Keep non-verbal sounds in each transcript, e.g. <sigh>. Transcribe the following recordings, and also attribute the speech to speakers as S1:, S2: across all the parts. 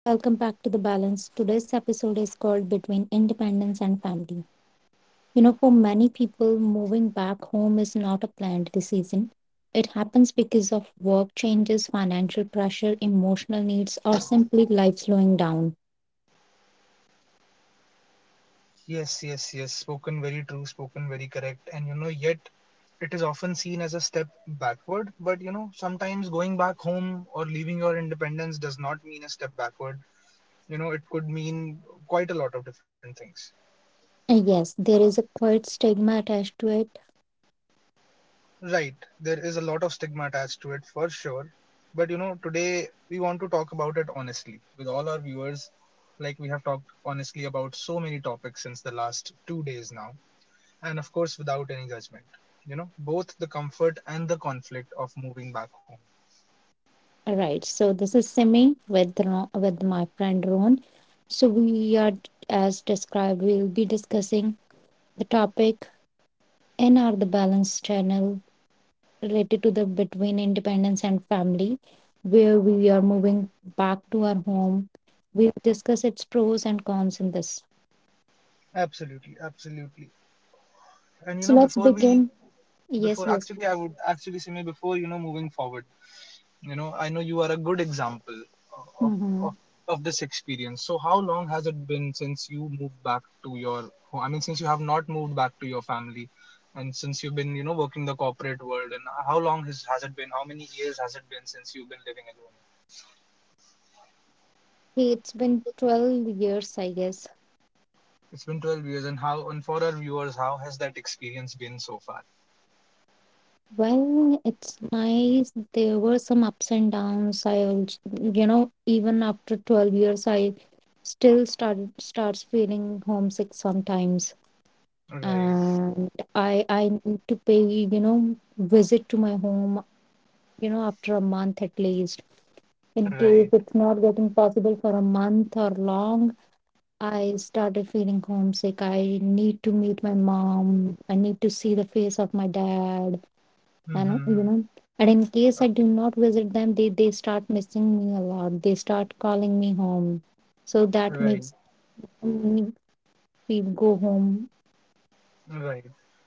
S1: Welcome back to The Balance. Today's episode is called Between Independence and Family. For many people, moving back home is not a planned decision. It happens because of work changes, financial pressure, emotional needs, or simply life slowing down.
S2: Yes, yes, yes. Spoken very true, spoken very correct. And you know, yet it is often seen as a step backward. But you know, sometimes going back home or leaving your independence does not mean a step backward. You know, it could mean quite a lot of different things.
S1: And yes, there is a quite stigma attached to it.
S2: Right, there is a lot of stigma attached to it for sure. But you know, today we want to talk about it honestly with all our viewers. Like we have talked honestly about so many topics since the last 2 days now, and of course without any judgment, you know, both the comfort and the conflict of moving back home.
S1: All right, so this is Simi with, with my friend Ron. So, we are, as described, we'll be discussing the topic in our The Balance channel related to the between independence and family, where we are moving back to our home. We'll discuss its pros and cons in this.
S2: Absolutely, absolutely. And you
S1: So
S2: know,
S1: let's
S2: before we
S1: begin. Yes,
S2: before
S1: yes.
S2: actually i would actually say, maybe before, you know, moving forward, you know, I know you are a good example of
S1: Mm-hmm.
S2: of of this experience. So how long has it been since you moved back to your home? I mean, since you have not moved back to your family and since you've been, you know, working the corporate world, and how long has it been? How many years has it been since you've been living alone?
S1: It's been 12 years, I guess.
S2: It's been 12 years, and for our viewers, how has that experience been so far?
S1: Well, it's nice. There were some ups and downs. I also, even after 12 years, I still starts feeling homesick sometimes.
S2: Right,
S1: And I need to pay, you know, visit to my home, after a month at least. In case
S2: right,
S1: it's not getting possible for a month or long, I started feeling homesick. I need to meet my mom. I need to see the face of my dad. And,
S2: hmm.
S1: and in case I do not visit them, they start missing me a lot. They start calling me home. So that
S2: Right.
S1: makes me feel go home.
S2: Right.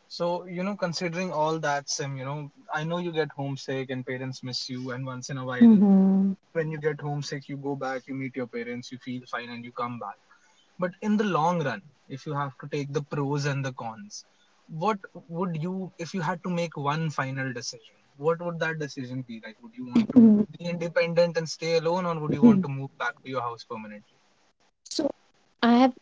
S2: So, you know, considering all that, Sim, you know, I know you get homesick and parents miss you, and once in a while,
S1: Mhm.
S2: when you get homesick, you go back, you meet your parents, you feel fine, and you come back. But in the long run, if you have to take the pros and the cons, what would you, if you had to make one final decision, what would that decision be? Like, would you want to be
S1: <clears throat>
S2: independent and stay alone, or would you want to move back to your house permanently?
S1: So I have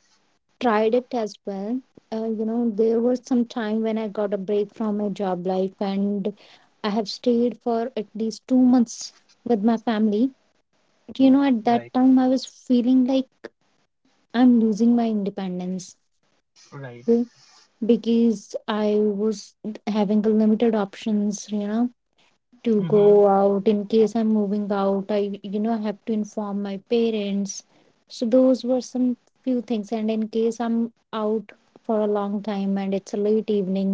S1: tried it as well. You know, there was some time when I got a break from my job life and I have stayed for at least 2 months with my family. But you know, at
S2: Right,
S1: that time, I was feeling like I'm losing my independence,
S2: right,
S1: mm, because I was having a limited options, you know, to go
S2: mm-hmm,
S1: out. In case I'm moving out, I, you know, have to inform my parents. So those were some few things. And in case I'm out for a long time and it's a late evening,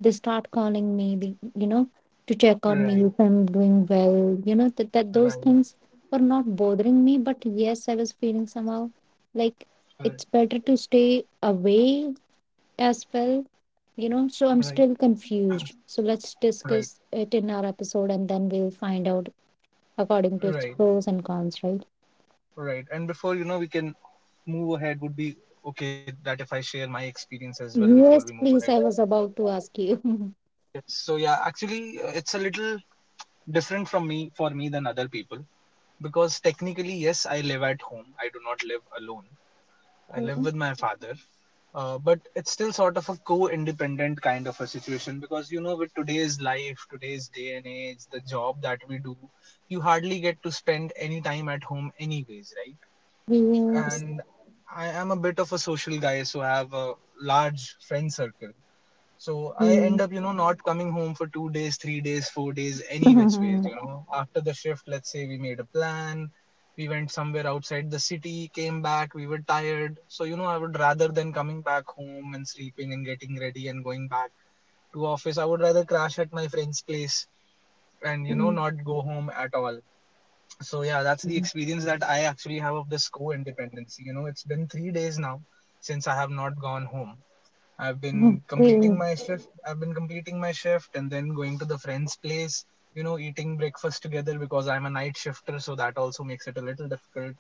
S1: they start calling me, you know, to check on me
S2: right,
S1: if I'm doing well. You know, that
S2: right,
S1: those
S2: right,
S1: things were not bothering me. But yes, I was feeling somehow like it's better to stay away as well. You know, so I'm
S2: right,
S1: still confused. So let's
S2: right,
S1: discuss it in our episode and then we'll find out according to its
S2: right,
S1: pros and cons, right?
S2: right. And before, you know, we can move ahead. Would be okay that if I share my experience as well before we
S1: Yes,
S2: move ahead.
S1: please. I was about to ask you. <laughs>
S2: So yeah, actually, it's a little different from me for me than other people, because technically, yes, I live at home. I do not live alone. I live
S1: Okay.
S2: with my father. But it's still sort of a co-independent kind of a situation, because you know, with today's life, today's day and age, the job that we do, you hardly get to spend any time at home anyways, right?
S1: Yes,
S2: And I am a bit of a social guy, so I have a large friend circle. So I end up, you know, not coming home for 2 days, 3 days, 4 days, any which ways, you know. After the shift, let's say we made a plan, we went somewhere outside the city, came back, we were tired. So, you know, I would rather than coming back home and sleeping and getting ready and going back to office, I would rather crash at my friend's place and, you know, not go home at all. So yeah, that's the experience that I actually have of this co-independency. You know, it's been 3 days now since I have not gone home. I've
S1: please.
S2: been
S1: Please.
S2: completing my shift. And then going to the friend's place, you know, eating breakfast together because I'm a night shifter, so that also makes it a little difficult.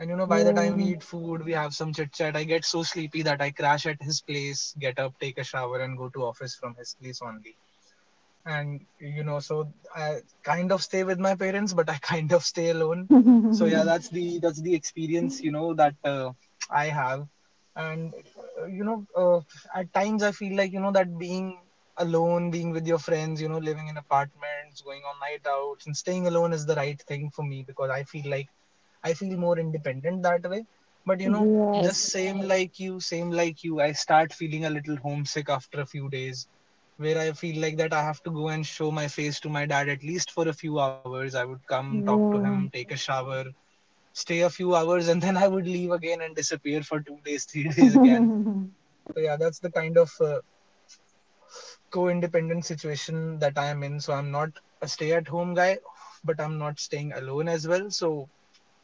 S2: And you know, by the time we eat food, we have some chit chat. I get so sleepy that I crash at his place, get up, take a shower, and go to office from his place only. And you know, so I kind of stay with my parents, but I <laughs> kind of stay alone. So yeah, that's the experience, you know,
S1: <laughs>
S2: that I have. And you know, at times I feel like, you know, that being alone, being with your friends, you know, living in apartments, going on night outs and staying alone is the right thing for me, because I feel like I feel more independent that way. But you know,
S1: <laughs> Yes.
S2: just same like you, I start feeling a little homesick after a few days, where I feel like that I have to go and show my face to my dad at least for a few hours. I would come, talk to him,
S1: Yeah.
S2: take a shower, stay a few hours, and then <laughs> I would leave again and disappear for 2 days, three <laughs> days again. So yeah, that's the kind of co independent situation that I am in. So, I'm not a stay at home guy, but I'm not staying alone as well. So,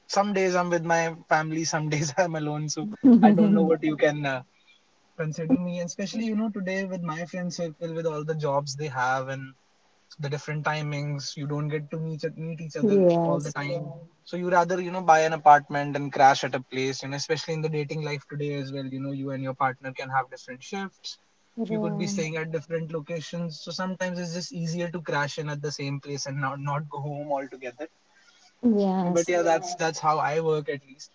S2: some days I'm with my family, some <laughs> days I'm alone. So, I don't know
S1: <laughs>
S2: what you can. Consider me. And especially, you know, today, with my friend circle, with all the jobs they have and the different timings, you don't get to meet each other all the
S1: Yes.
S2: time. So you rather, you know, buy an apartment and crash at a place, you know, especially in the dating life today as well, you know, you and your partner can have different shifts, you could be
S1: Yeah.
S2: staying at different locations. So sometimes it's just easier to crash in at the same place and not go home altogether. But
S1: Yes.
S2: yeah, that's how I work, at least.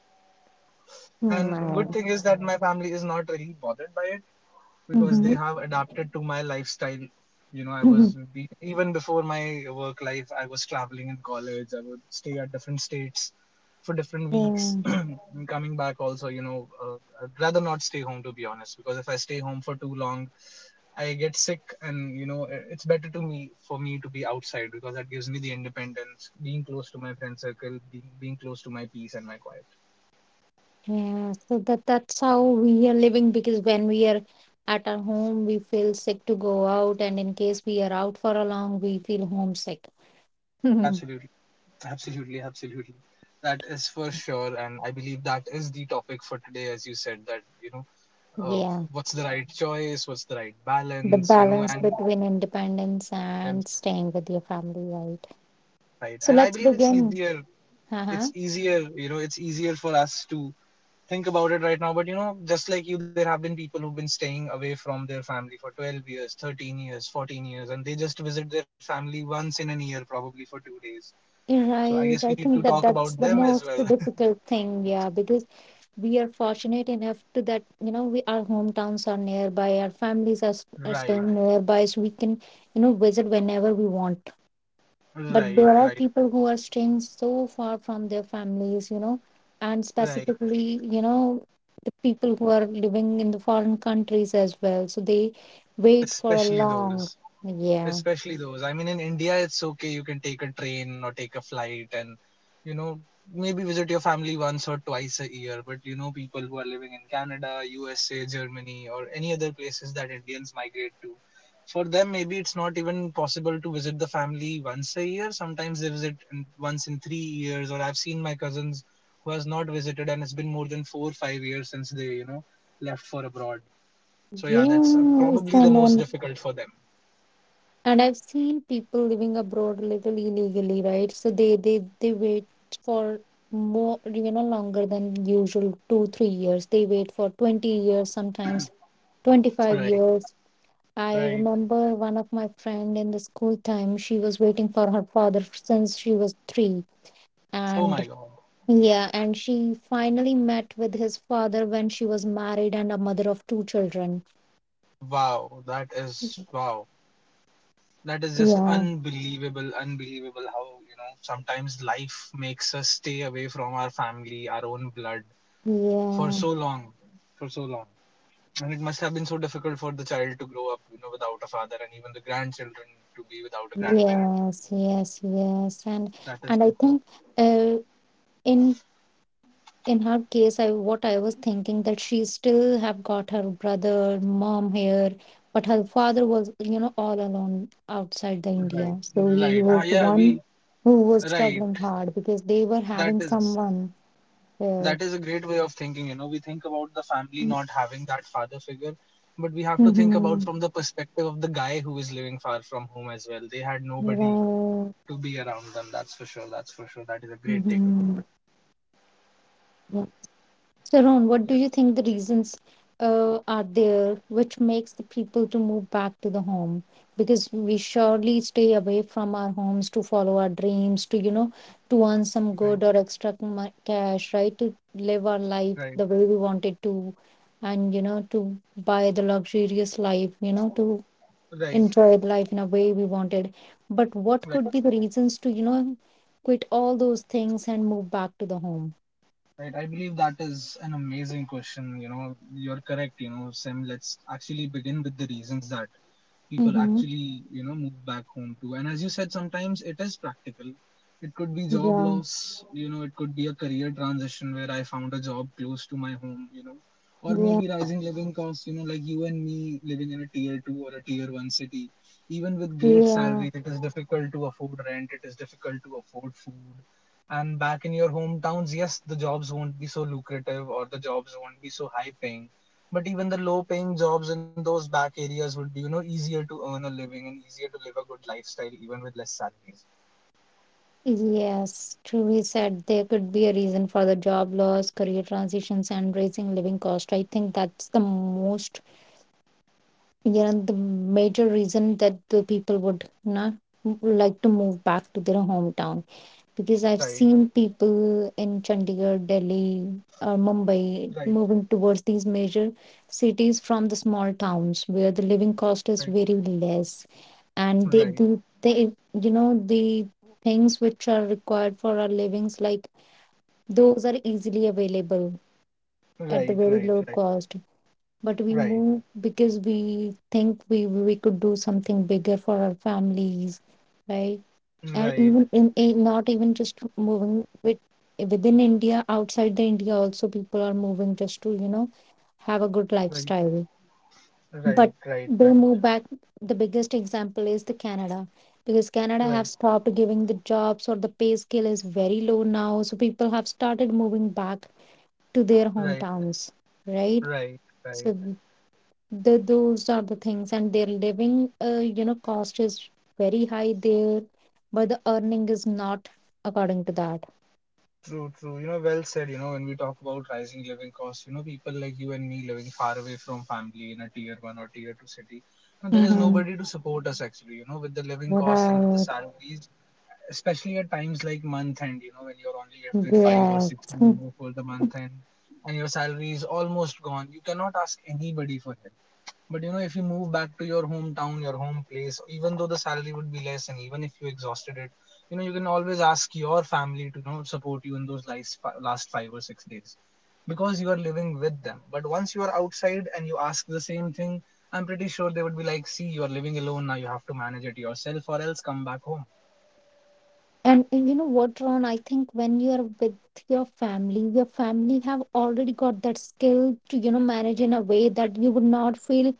S2: And good
S1: My
S2: thing is that my family is not really bothered by it, because they have adapted to my lifestyle. You know,
S1: <laughs>
S2: even before my work life, I was traveling in college. I would stay at different states for different weeks. <clears throat>
S1: Yeah.
S2: And coming back, also, you know, I'd rather not stay home, to be honest, because if I stay home for too long, I get sick. And you know, it's better to me for me to be outside, because that gives me the independence, being close to my friend circle, being close to my peace and my quiet.
S1: Yeah, so that that's how we are living, because when we are at our home, we feel sick to go out, and in case we are out for a long, we feel homesick. <laughs>
S2: Absolutely. Absolutely, absolutely. That is for sure. And I believe that is the topic for today, as you said, that you know, uh,
S1: Yeah,
S2: what's the right choice, what's the right
S1: the
S2: balance, you know.
S1: balance
S2: and
S1: between independence
S2: and
S1: and staying with your family, right?
S2: right,
S1: So
S2: and I
S1: let's
S2: believe
S1: begin.
S2: it's
S1: Uh-huh.
S2: easier, you know, it's easier for us to think about it right now. But you know, just like you, there have been people who've been staying away from their family for 12 years, 13 years, 14 years, and they just visit their family once in a year, probably for 2 days.
S1: You
S2: So I guess
S1: right,
S2: we
S1: I
S2: need to
S1: think
S2: talk
S1: that
S2: about
S1: that's the
S2: them as
S1: most
S2: well. <laughs>
S1: difficult thing, yeah, because we are fortunate enough to that, you know, we our hometowns are nearby, our families are, are
S2: Right,
S1: staying nearby, so we can, you know, visit whenever we want. But
S2: right,
S1: there are
S2: right.
S1: people who are staying so far from their families, you know, and
S2: Right.
S1: specifically, you know, the people who are living in the foreign countries as well. So they wait for a
S2: Especially
S1: long,
S2: those.
S1: yeah.
S2: Especially those. I mean, in India, it's okay. You can take a train or take a flight and, you know, maybe visit your family once or twice a year. But, you know, people who are living in Canada, USA, Germany, or any other places that Indians migrate to, for them, maybe it's not even possible to visit the family once a year. Sometimes they visit in, once in 3 years. Or I've seen my cousins who has not visited, and it's been more than 4 or 5 years since they, you know, left for abroad. So yeah, that's
S1: Yeah. It's
S2: probably the most difficult for them.
S1: and I've seen people living abroad a little illegally, right? So they they wait for more, you know, longer than usual, two, 3 years. They wait for 20 years, sometimes 25
S2: Right.
S1: years. I
S2: Right.
S1: remember one of my friend in the school time, she was waiting for her father since she was three.
S2: Oh my
S1: And
S2: god.
S1: yeah, and she finally met with his father when she was married and a mother of two children.
S2: Wow. That is wow. That is just
S1: Yeah,
S2: unbelievable, unbelievable how, you know, sometimes life makes us stay away from our family, our own blood for
S1: yeah,
S2: so long, for so long. And it must have been so difficult for the child to grow up, you know, without a father, and even the grandchildren to be without a grandparent.
S1: yes, yes, yes,
S2: That is
S1: and I
S2: for sure.
S1: think, uh, in in her case, I what I was thinking that she still have got her brother mom here, but her father was, you know, all alone outside the
S2: Right.
S1: india, so he
S2: Right. Ah,
S1: was the
S2: yeah,
S1: one who was
S2: right.
S1: struggling hard because they were
S2: That
S1: having
S2: is
S1: someone there.
S2: That is a great way of thinking. You know, we think about the family not having that father figure, but we have to think about
S1: Mm-hmm.
S2: from the perspective of the guy who is living far from home as well. They had nobody
S1: Right.
S2: to be around them. That's for sure. That's for sure. That is a great takeaway.
S1: Mhm. Sharon, what do
S2: Yeah.
S1: you think the reasons are there which makes the people to move back to the home? Because we surely stay away from our homes to follow our dreams, to, you know, to earn some
S2: Right,
S1: good or extra cash, right? To live our life
S2: right.
S1: the way we wanted to, and, you know, to buy the luxurious life, you know, to
S2: Right,
S1: enjoy life in a way we wanted. But what could
S2: right.
S1: be the reasons to, you know, quit all those things and move back to the home?
S2: Right, I believe that is an amazing question. You know, you're correct. You know, Sam, let's actually begin with the reasons that people
S1: Mm-hmm.
S2: actually, you know, move back home to. And as you said, sometimes it is practical. It could be job
S1: Yeah.
S2: loss, you know, it could be a career transition where I found a job close to my home, you know, or maybe rising living costs, you know, like you and me living in a tier two or a tier one city. Even with great
S1: Yeah,
S2: salaries, it is difficult to afford rent, it is difficult to afford food. And back in your hometowns, yes, the jobs won't be so lucrative, or the jobs won't be so high paying. But even the low paying jobs in those back areas would be, you know, easier to earn a living and easier to live a good lifestyle even with less salaries.
S1: yes. Truly said, there could be a reason for the job loss, career transitions, and raising living cost. I think that's the most, you know, the major reason that the people would not like to move back to their hometown, because I've
S2: Right,
S1: seen people in Chandigarh, Delhi, or Mumbai
S2: right,
S1: moving towards these major cities from the small towns where the living cost is
S2: right,
S1: very less, and they
S2: right,
S1: do they, you know, the things which are required for our livings, like those are easily available at the
S2: right,
S1: very
S2: right,
S1: low cost. But
S2: right,
S1: we
S2: right,
S1: move because we think we could do something bigger for our families, right? And
S2: right,
S1: even in not even just moving with within india, outside the india also people are moving just to, you know, have a good
S2: right,
S1: lifestyle.
S2: right,
S1: But
S2: right,
S1: they
S2: right,
S1: move back. The biggest example is the canada, because canada
S2: right,
S1: have
S2: right,
S1: stopped giving the jobs, or the pay scale is very low now, so people have started moving back to their
S2: right,
S1: hometowns, right?
S2: right. Right.
S1: So the, those are the things and their living, you know, cost is very high there, but the earning is not according to that.
S2: True, true. You know, well said. You know, when we talk about rising living costs, you know, people like you and me living far away from family in a tier one or tier two city, you know, there is
S1: Mm-hmm.
S2: nobody to support us actually. You know, with the living costs and with the
S1: Right.
S2: salaries, especially at times like month end, you know, when you're only left with five or
S1: Yes.
S2: six
S1: Hmm.
S2: days before the month end and your salary is almost gone, you cannot ask anybody for help. But you know, if you move back to your hometown, your home place, even though the salary would be less and even if you exhausted it, you know, you can always ask your family to, you know, support you in those last, last 5 or 6 days because you are living with them. But once you are outside and you ask the same thing, I'm pretty sure they would be like, see, you are living alone now, you have to manage it yourself or else come back home.
S1: And, you know what, Ron, I think when you're with your family, your family have already got that skill to, you know, manage in a way that you would not feel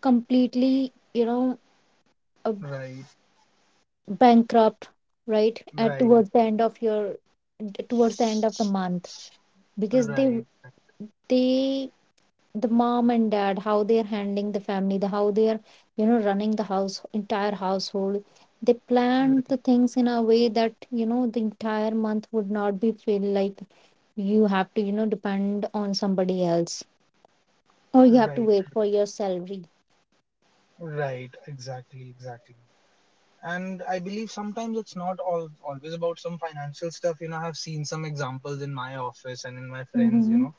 S1: completely, you know, uh,
S2: Right.
S1: bankrupt right at
S2: Right,
S1: towards the end of your towards the end of the month, because they
S2: right,
S1: they the mom and dad how they're handling the family, the how they're, you know, running the house entire household, they planned
S2: right,
S1: the things in a way that, you know, the entire month would not be feel like you have to, you know, depend on somebody else or you have to
S2: right,
S1: wait for your salary.
S2: right, exactly, exactly. And I believe sometimes it's not all always about some financial stuff. You know, I've seen some examples in my office and in my friends, you
S1: Mm-hmm.
S2: know,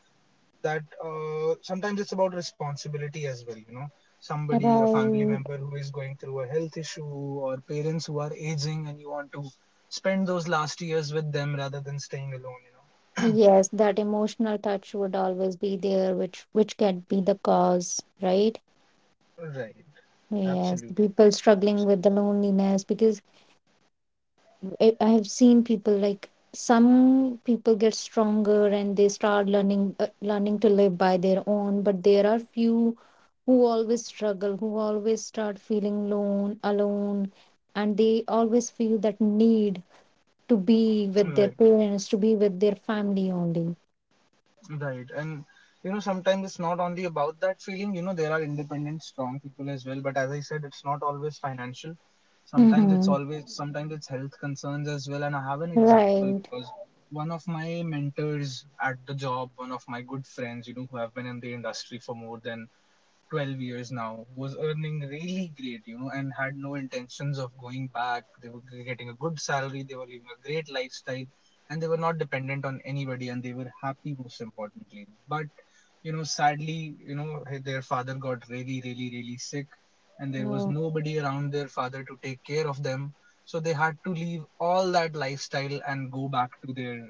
S2: that sometimes it's about responsibility as well, you know. Somebody, a family
S1: Right.
S2: member who is going through a health issue, or parents who are aging, and you want to spend those last years with them rather than staying alone, you know.
S1: Yes, that emotional touch would always be there, which can be the cause, right.
S2: Right,
S1: Yes,
S2: absolutely,
S1: people struggling with the
S2: absolutely.
S1: loneliness, because I have seen people, like some people get stronger and they start learning, learning to live by their own, but there are few who always struggle, who always start feeling alone, and they always feel that need to be with their
S2: Right.
S1: parents, to be with their family only.
S2: Right. And you know, sometimes it's not only about that feeling, you know, there are independent, strong people as well. But as I said, it's not always financial. Sometimes it's
S1: Mm-hmm.
S2: always, sometimes it's health concerns as well. And I have an example
S1: Right.
S2: because one of my mentors at the job, one of my good friends, you know, who have been in the industry for more than 12 years now was earning really great, you know, and had no intentions of going back. They were getting a good salary, they were living a great lifestyle, and they were not dependent on anybody and they were happy, most importantly. But, you know, sadly, you know, their father got really, really, really sick, and there was
S1: Oh.
S2: nobody around their father to take care of them. So they had to leave all that lifestyle and go back to their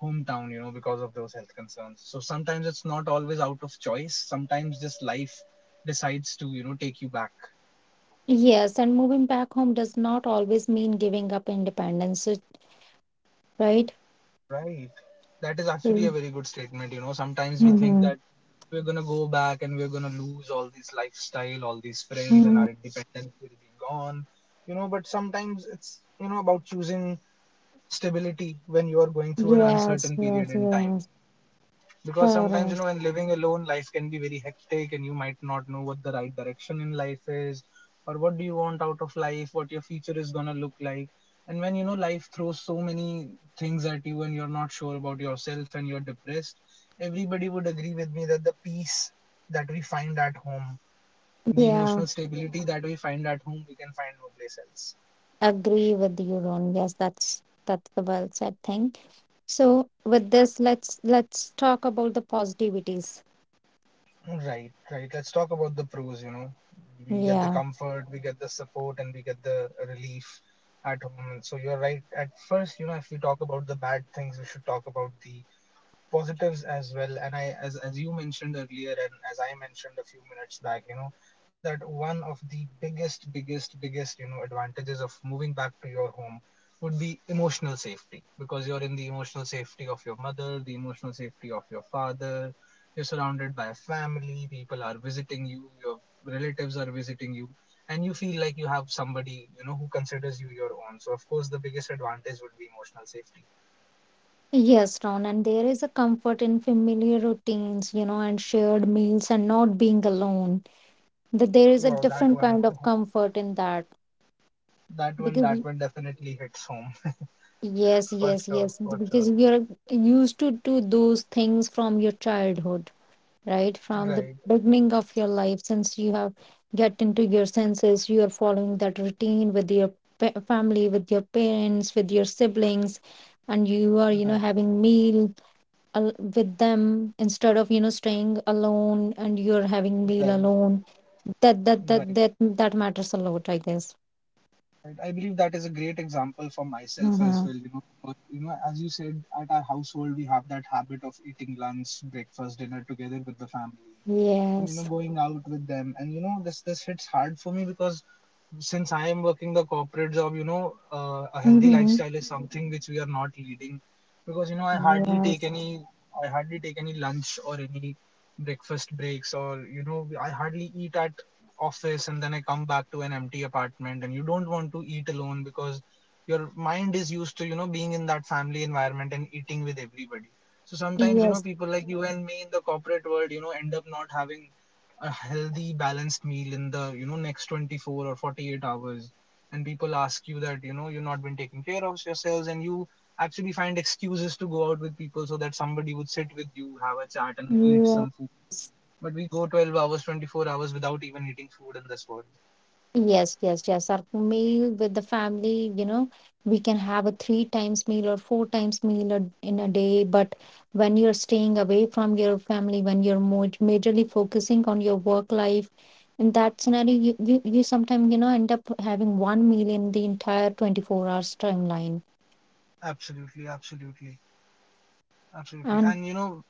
S2: hometown, you know, because of those health concerns. So sometimes it's not always out of choice, sometimes just life decides to, you know, take you back.
S1: Yes, and moving back home does not always mean giving up independence, right?
S2: Right, that is actually a
S1: Mm-hmm.
S2: very good statement. You know, sometimes we think that we're gonna go back and we're gonna lose all this lifestyle, all these friends, and
S1: Mm-hmm.
S2: our independence will be gone, you know, but sometimes it's, you know, about choosing stability when you are going through an
S1: Yes,
S2: uncertain period
S1: yes,
S2: in time.
S1: yes.
S2: Because sometimes, you know,
S1: Correct.
S2: when living alone, life can be very hectic and you might not know what the right direction in life is, or what do you want out of life, what your future is going to look like. And when, you know, life throws so many things at you and you're not sure about yourself and you're depressed, everybody would agree with me that the peace that we find at home, the
S1: Yeah,
S2: emotional stability that we find at home, we can find no place else.
S1: agree with you, Ron. Yes, that's the well said thing. So with this, let's talk about the positivities.
S2: Right, right. Let's talk about the pros, you know. We get the
S1: Yeah.
S2: comfort, we get the support, and we get the relief at home. And so you're right. At first, you know, if we talk about the bad things, we should talk about the positives as well. And I, as you mentioned earlier and as I mentioned a few minutes back, you know, that one of the biggest, you know, advantages of moving back to your home would be emotional safety, because you're in the emotional safety of your mother, the emotional safety of your father, you're surrounded by a family, people are visiting you, your relatives are visiting you, and you feel like you have somebody, you know, who considers you your own. So of course the biggest advantage would be emotional safety.
S1: Yes, Ron, and there is a comfort in familiar routines, you know, and shared meals and not being alone. That there is a
S2: Wow, that
S1: different
S2: one
S1: kind of
S2: <laughs>
S1: comfort in that,
S2: that one,
S1: because
S2: that one definitely hits home.
S1: yes,
S2: <laughs> For
S1: yes,
S2: sure,
S1: yes,
S2: for sure.
S1: because you're used to do those things from your childhood, right from the
S2: Right,
S1: beginning of your life. Since you have get into your senses, you are following that routine with your family, with your parents, with your siblings, and you are, you know,
S2: right,
S1: having meal with them, instead of, you know, staying alone and you're having meal
S2: right,
S1: alone. That that that
S2: right,
S1: that that matters a lot, I guess.
S2: right. I believe that is a great example for myself as
S1: Mm-hmm.
S2: well. You know, but, you know, as you said, at our household we have that habit of eating lunch, breakfast, dinner together with the family, and, you know,
S1: Yes.
S2: going out with them. And, you know, this hits hard for me because since I am working the corporate job, you know, a healthy
S1: Mm-hmm.
S2: lifestyle is something which we are not leading. Because, you know, i hardly take
S1: Yes.
S2: any i hardly take any lunch or any breakfast breaks, or, you know, I hardly eat at office, and then I come back to an empty apartment and you don't want to eat alone because your mind is used to, you know, being in that family environment and eating with everybody. So sometimes, you know,
S1: Yes.
S2: people like you and me in the corporate world, you know, end up not having a healthy, balanced meal in the, you know, next 24 or 48 hours. And people ask you that, you know, you've not been taking care of yourselves, and you actually find excuses to go out with people so that somebody would sit with you, have a chat and eat some food.
S1: Yes.
S2: But we go 12 hours, 24 hours without even eating food in this world.
S1: Yes, yes, yes. Our meal with the family, you know, we can have a three times meal or four times meal in a day. But when you're staying away from your family, when you're more majorly focusing on your work life, in that scenario, you, you sometimes, you know, end up having one meal in the entire 24 hours timeline.
S2: Absolutely, absolutely, absolutely.
S1: And
S2: And you know,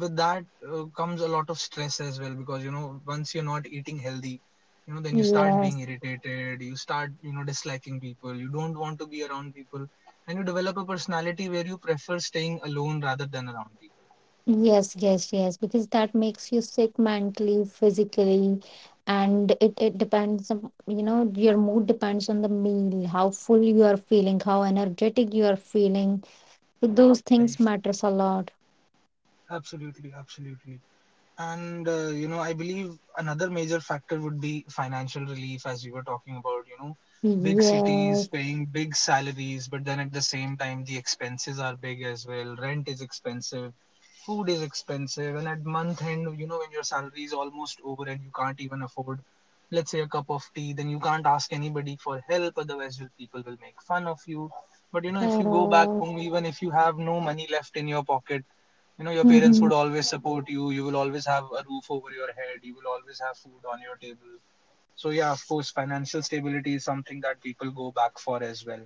S2: with that comes a lot of stress as well, because you know once you're not eating healthy, you know, then you start being
S1: yes.
S2: irritated, you start, you know, disliking people, you don't want to be around people, and you develop a personality where you prefer staying alone rather than around people.
S1: Yes, yes, yes, because that makes you sick mentally, physically, and it depends on, you know, your mood depends on the meal, how full you are feeling, how energetic you are feeling. So those things
S2: Right.
S1: matters a lot.
S2: Absolutely, absolutely. And you know, I believe another major factor would be financial relief. As we were talking about, you know, big cities
S1: Yes,
S2: paying big salaries, but then at the same time the expenses are big as well. Rent is expensive, food is expensive, and at month end, you know, when your salary is almost over and you can't even afford, let's say, a cup of tea, then you can't ask anybody for help, otherwise will people will make fun of you. But you know, if you go back
S1: correct.
S2: home, even if you have no money left in your pocket, you know, your parents
S1: Mm-hmm.
S2: would always support you, you will always have a roof over your head, you will always have food on your table. So yeah, of course financial stability is something that people go back for as well.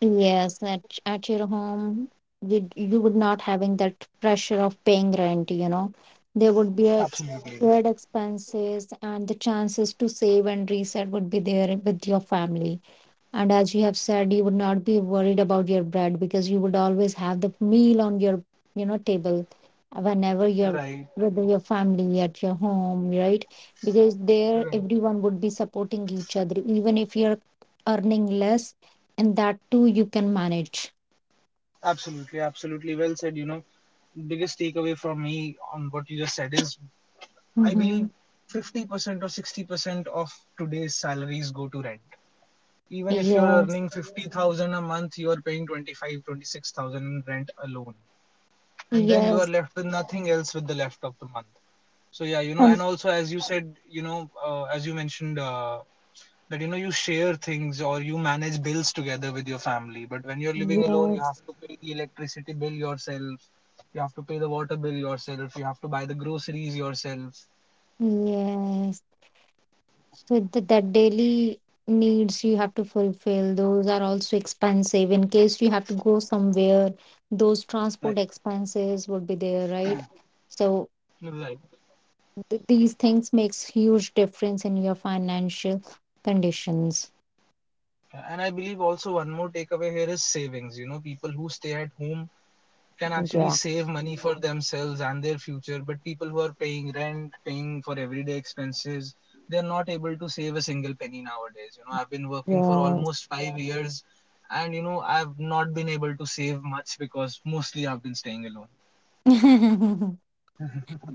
S1: Yes, at your home, you would not having that pressure of paying rent, you know. There would be a ex
S2: Absolutely.
S1: shared expenses and the chances to save and reset would be there with your family. And as you have said, you would not be worried about your bread because you would always have the meal on your, you know, table whenever you're
S2: Right,
S1: with your family at your home, right? Because there
S2: right.
S1: everyone would be supporting each other, even if you're earning less, and that too you can manage.
S2: Absolutely, absolutely, well said. You know, biggest takeaway from me on what you just said is, I
S1: Mm-hmm.
S2: believe 50% or 60% of today's salaries go to rent. Even if you're
S1: Yes,
S2: earning 50,000 a month, you are paying 25, 26,000 in rent alone. And then you are
S1: yes,
S2: left with nothing else with the left of the month. So yeah, you know, and
S1: and
S2: also as you said, you know, as you mentioned that, you know, you share things or you manage bills together with your family. But when you're living alone, you
S1: yes,
S2: have to pay the electricity bill yourself, you have to pay the water bill yourself. You have to buy the groceries yourself.
S1: yes. So the, that daily needs you have to fulfill, those are also expensive. In case you have to go somewhere, those
S2: Right.
S1: transport expenses would be there, right? So
S2: Right.
S1: these things makes huge difference in your financial conditions.
S2: And I believe also one more takeaway here is savings. You know, people who stay at home can actually
S1: Yeah.
S2: save money for themselves and their future, but people who are paying rent, paying for everyday expenses, they're not able to save a single penny nowadays. You know, I've been working for
S1: Yes.
S2: almost 5 years and, you know, I've not been able to save much because mostly I've been staying alone.
S1: <laughs>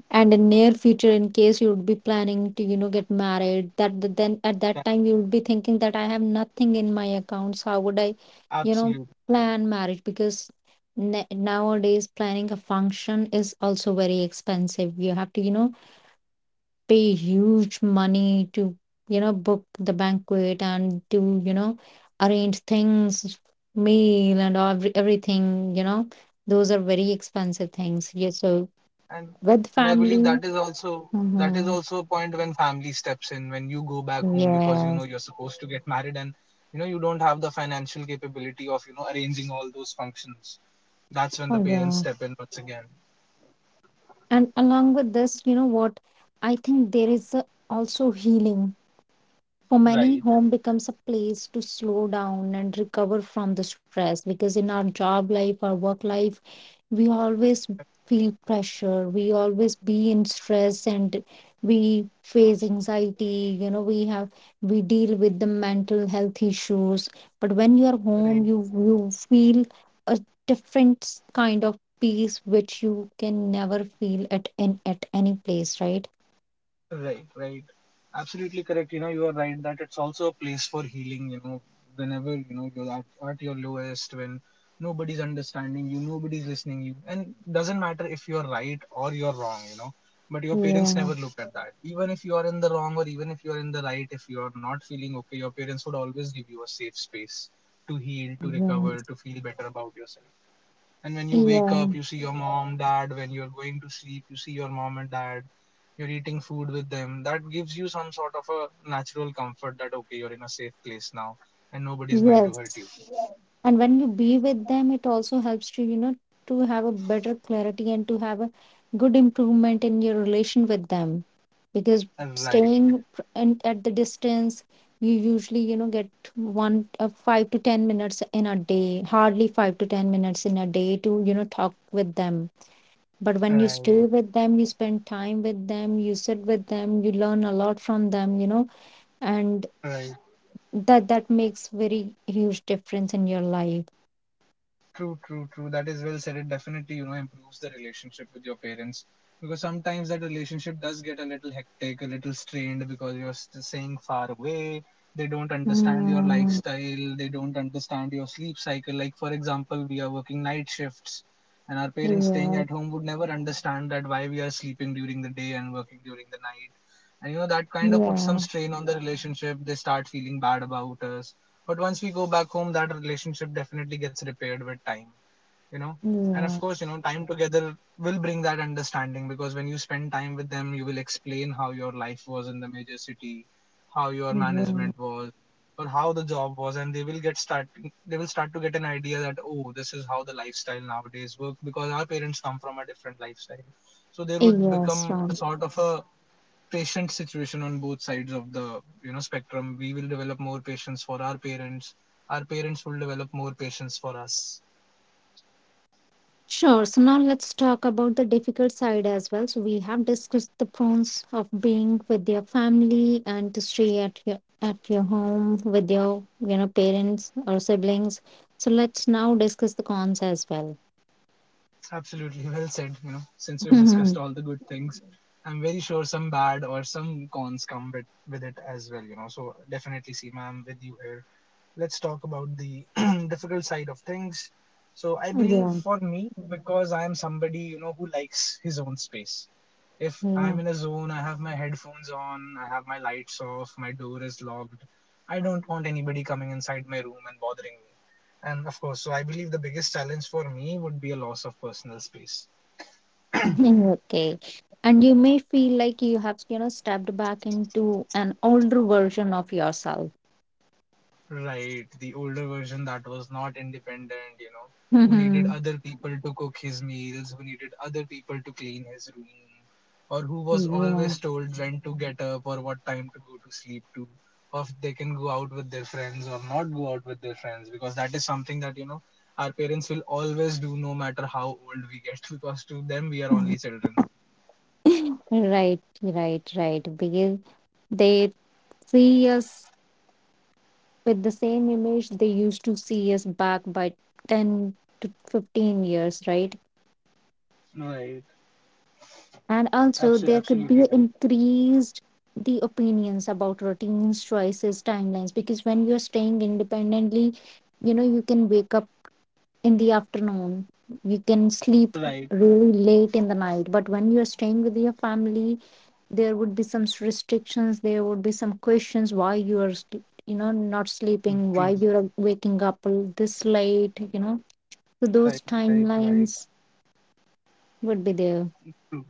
S1: And in near future, in case you would be planning to get married, then at
S2: Yeah,
S1: that time you would be thinking that I have nothing in my accounts. How would I you know
S2: absolutely.
S1: plan marriage? Because nowadays planning a function is also very expensive. You have to, pay huge money to, book the banquet, and to, arrange things, meal and everything, you know, those are very expensive things. Yeah, so
S2: and
S1: with
S2: and I believe
S1: family.
S2: that is also, that is
S1: Mhm.
S2: also a point when family steps in, when you go back home, because you know
S1: Yes.
S2: you're supposed to get married and, you know, you don't have the financial capability of, you know, arranging all those functions. That's when the
S1: Oh,
S2: parents
S1: yeah.
S2: step in once again.
S1: And along with this, you know what? I think there is a, also healing. For many,
S2: Right.
S1: home becomes a place to slow down and recover from the stress, because in our job life, our work life, we always feel pressure, we always be in stress, and we face anxiety. You know, we deal with the mental health issues. But when you are
S2: Right.
S1: home, you feel a different kind of peace which you can never feel at any place, right?
S2: Right, right. Absolutely correct. You know, you are right that it's also a place for healing. You know, whenever, you know, you're at your lowest, when nobody's understanding you, nobody's listening you, and doesn't matter if you're right or you're wrong. You know, but your parents
S1: Yeah,
S2: never look at that. Even if you are in the wrong or even if you are in the right, if you are not feeling okay, your parents would always give you a safe space to heal, to
S1: yeah,
S2: recover, to feel better about yourself. And when you wake up,
S1: yeah.
S2: you see your mom, dad. When you're going to sleep, you see your mom and dad. You're eating food with them. That gives you some sort of a natural comfort that, okay, you're in a safe place now and nobody's going to hurt
S1: Yes.
S2: you.
S1: And when you be with them, it also helps to, you know, to have a better clarity and to have a good improvement in your relation with them, because
S2: Right,
S1: staying pr- and at the distance, you usually, you know, get one 5 to 10 minutes in a day, hardly 5 to 10 minutes in a day to, you know, talk with them. But when you stay
S2: right,
S1: with them, you spend time with them, you sit with them, you learn a lot from them, you know. And
S2: right.
S1: that makes very huge difference in your life.
S2: True, true, true. That is well said. It definitely, improves the relationship with your parents, because sometimes that relationship does get a little hectic, a little strained because staying far away. They don't understand your
S1: Mm,
S2: lifestyle. They don't understand your sleep cycle. Like, for example, we are working night shifts, and our parents staying at
S1: yes,
S2: home would never understand that why we are sleeping during the day and working during the night. And you know, that kind of puts some
S1: yeah,
S2: strain on the relationship. They start feeling bad about us. But once we go back home, that relationship definitely gets repaired with time, you know. And of
S1: yeah,
S2: course, you know, time together will bring that understanding, because when you spend time with them, you will explain how your life was in the major city, how your
S1: yeah.
S2: management was, or how the job was, and they will get start they will start to get an idea that oh, this is how the lifestyle nowadays work, because our parents come from a different lifestyle, so there would
S1: Yes,
S2: become a
S1: Ram.
S2: sort of a patient situation on both sides of the, you know, spectrum. We will develop more patience for our parents, our parents will develop more patience for us.
S1: Sure. So now let's talk about the difficult side as well. So we have discussed the pros of being with your family and to stay at your home with your, you know, parents or siblings. So let's now discuss the cons as well.
S2: It's absolutely well said, you know, since we've discussed all
S1: <laughs>
S2: the good things. I'm very sure some bad or some cons come with it as well, you know. So definitely see ma'am with you here. Let's talk about the <clears throat> difficult side of things. So I believe
S1: Yeah,
S2: for me, because I am somebody, you know, who likes his own space. If
S1: yeah.
S2: I'm in a zone, I have my headphones on, I have my lights off, my door is locked. I don't want anybody coming inside my room and bothering me. And of course, so I believe the biggest challenge for me would be a loss of personal space.
S1: <laughs> Okay. And you may feel like you have, you know, stepped back into an older version of yourself.
S2: Right, the older version that was not independent, you know, who needed
S1: Mhm.
S2: other people to cook his meals, who needed other people to clean his room, or who was always
S1: Yeah.
S2: told when to get up or what time to go to sleep to, or if they can go out with their friends or not go out with their friends, because that is something that, you know, our parents will always do no matter how old we get, <laughs> because to them we are
S1: <laughs>
S2: only children.
S1: Right, right, right. Because they see us with the same image they used to see us back by 10 to 15 years, right?
S2: Right.
S1: And also,
S2: Absolutely,
S1: there could be
S2: absolutely correct.
S1: increased the opinions about routines, choices, timelines. Because when you're staying independently, you know, you can wake up in the afternoon, you can sleep
S2: Right,
S1: really late in the night. But when you're staying with your family, there would be some restrictions, there would be some questions why you are, you know, not sleeping, why
S2: true,
S1: you're waking up this late, you know. So
S2: right,
S1: those
S2: right, right,
S1: timelines would be there.
S2: true,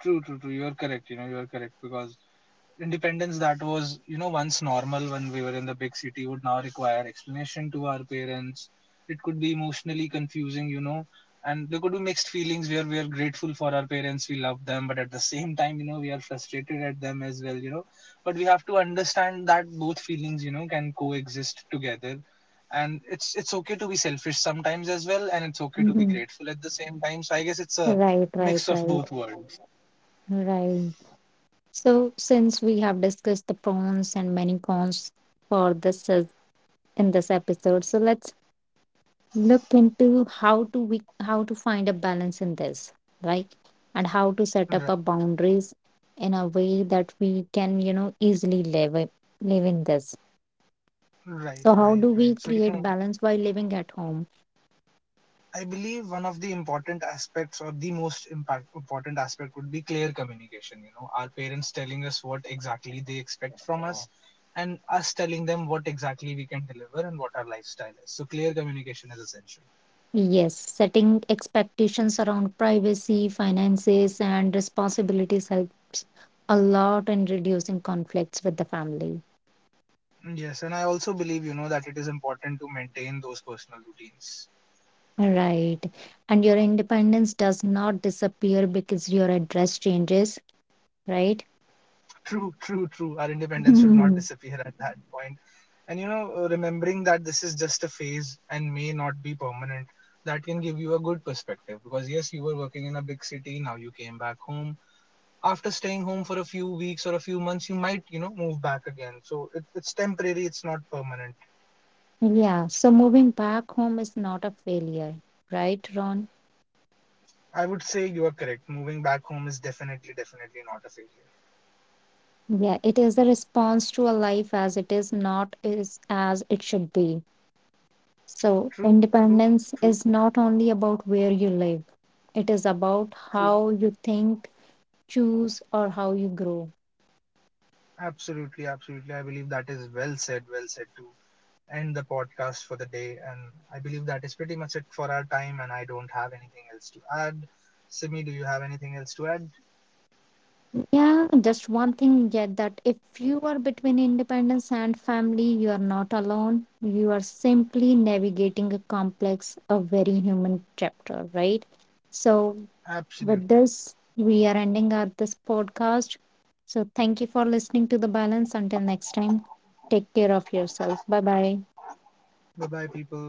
S2: true, true, true. You are correct. You know, you are correct, because independence that was, you know, once normal when we were in the big city would now require explanation to our parents. It could be emotionally confusing, you know, and there could be mixed feelings where we are grateful for our parents, we love them, but at the same time, you know, we are frustrated at them as well, you know. But we have to understand that both feelings, you know, can coexist together, and it's okay to be selfish sometimes as well, and it's okay to be
S1: Hmm.
S2: grateful at the same time. So I guess it's a
S1: Right, right,
S2: mix of
S1: right,
S2: both worlds.
S1: right. So since we have discussed the pros and many cons for this is- in this episode, so let's look into how to how to find a balance in this, right, and how to set
S2: Right,
S1: up our boundaries in a way that we can, you know, easily live in this.
S2: right,
S1: So how
S2: right,
S1: do we
S2: right. So you
S1: create
S2: know,
S1: balance while living at home?
S2: I believe one of the important aspects or the important aspect would be clear communication. You know, our parents telling us what exactly they expect from us, and us telling them what exactly we can deliver and what our lifestyle is. So clear communication is essential.
S1: Yes, setting expectations around privacy, finances and responsibilities help a lot in reducing conflicts with the family.
S2: Yes, and I also believe, you know, that it is important to maintain those personal routines.
S1: Right. And your independence does not disappear because your address changes, right.
S2: True, true, true. Our independence should not
S1: <laughs>
S2: disappear at that point. And you know, remembering that this is just a phase and may not be permanent, that can give you a good perspective. Because yes, you were working in a big city, now you came back home. After staying home for a few weeks or a few months, you might, you know, move back again. So it's temporary, it's not permanent.
S1: Yeah, so moving back home is not a failure, right, Ron?
S2: I would say you are correct. Moving back home is definitely, definitely not a failure.
S1: Yeah, it is a response to a life as it is, not is as it should be. So
S2: True, true,
S1: independence
S2: true,
S1: is not only about where you live, it is about
S2: true.
S1: how you think, choose, or how you grow.
S2: Absolutely, absolutely. I believe that is well said too. End the podcast for the day. And I believe that is pretty much it for our time, and I don't have anything else to add. Simi, do you have anything else to add?
S1: Yeah, just one thing yet, that if you are between independence and family, you are not alone. You are simply navigating a complex, a very human chapter, right? So with
S2: Absolutely.
S1: this, we are ending our this podcast. So thank you for listening to The Balance. Until next time, take care of yourself. Bye bye.
S2: Bye bye, people.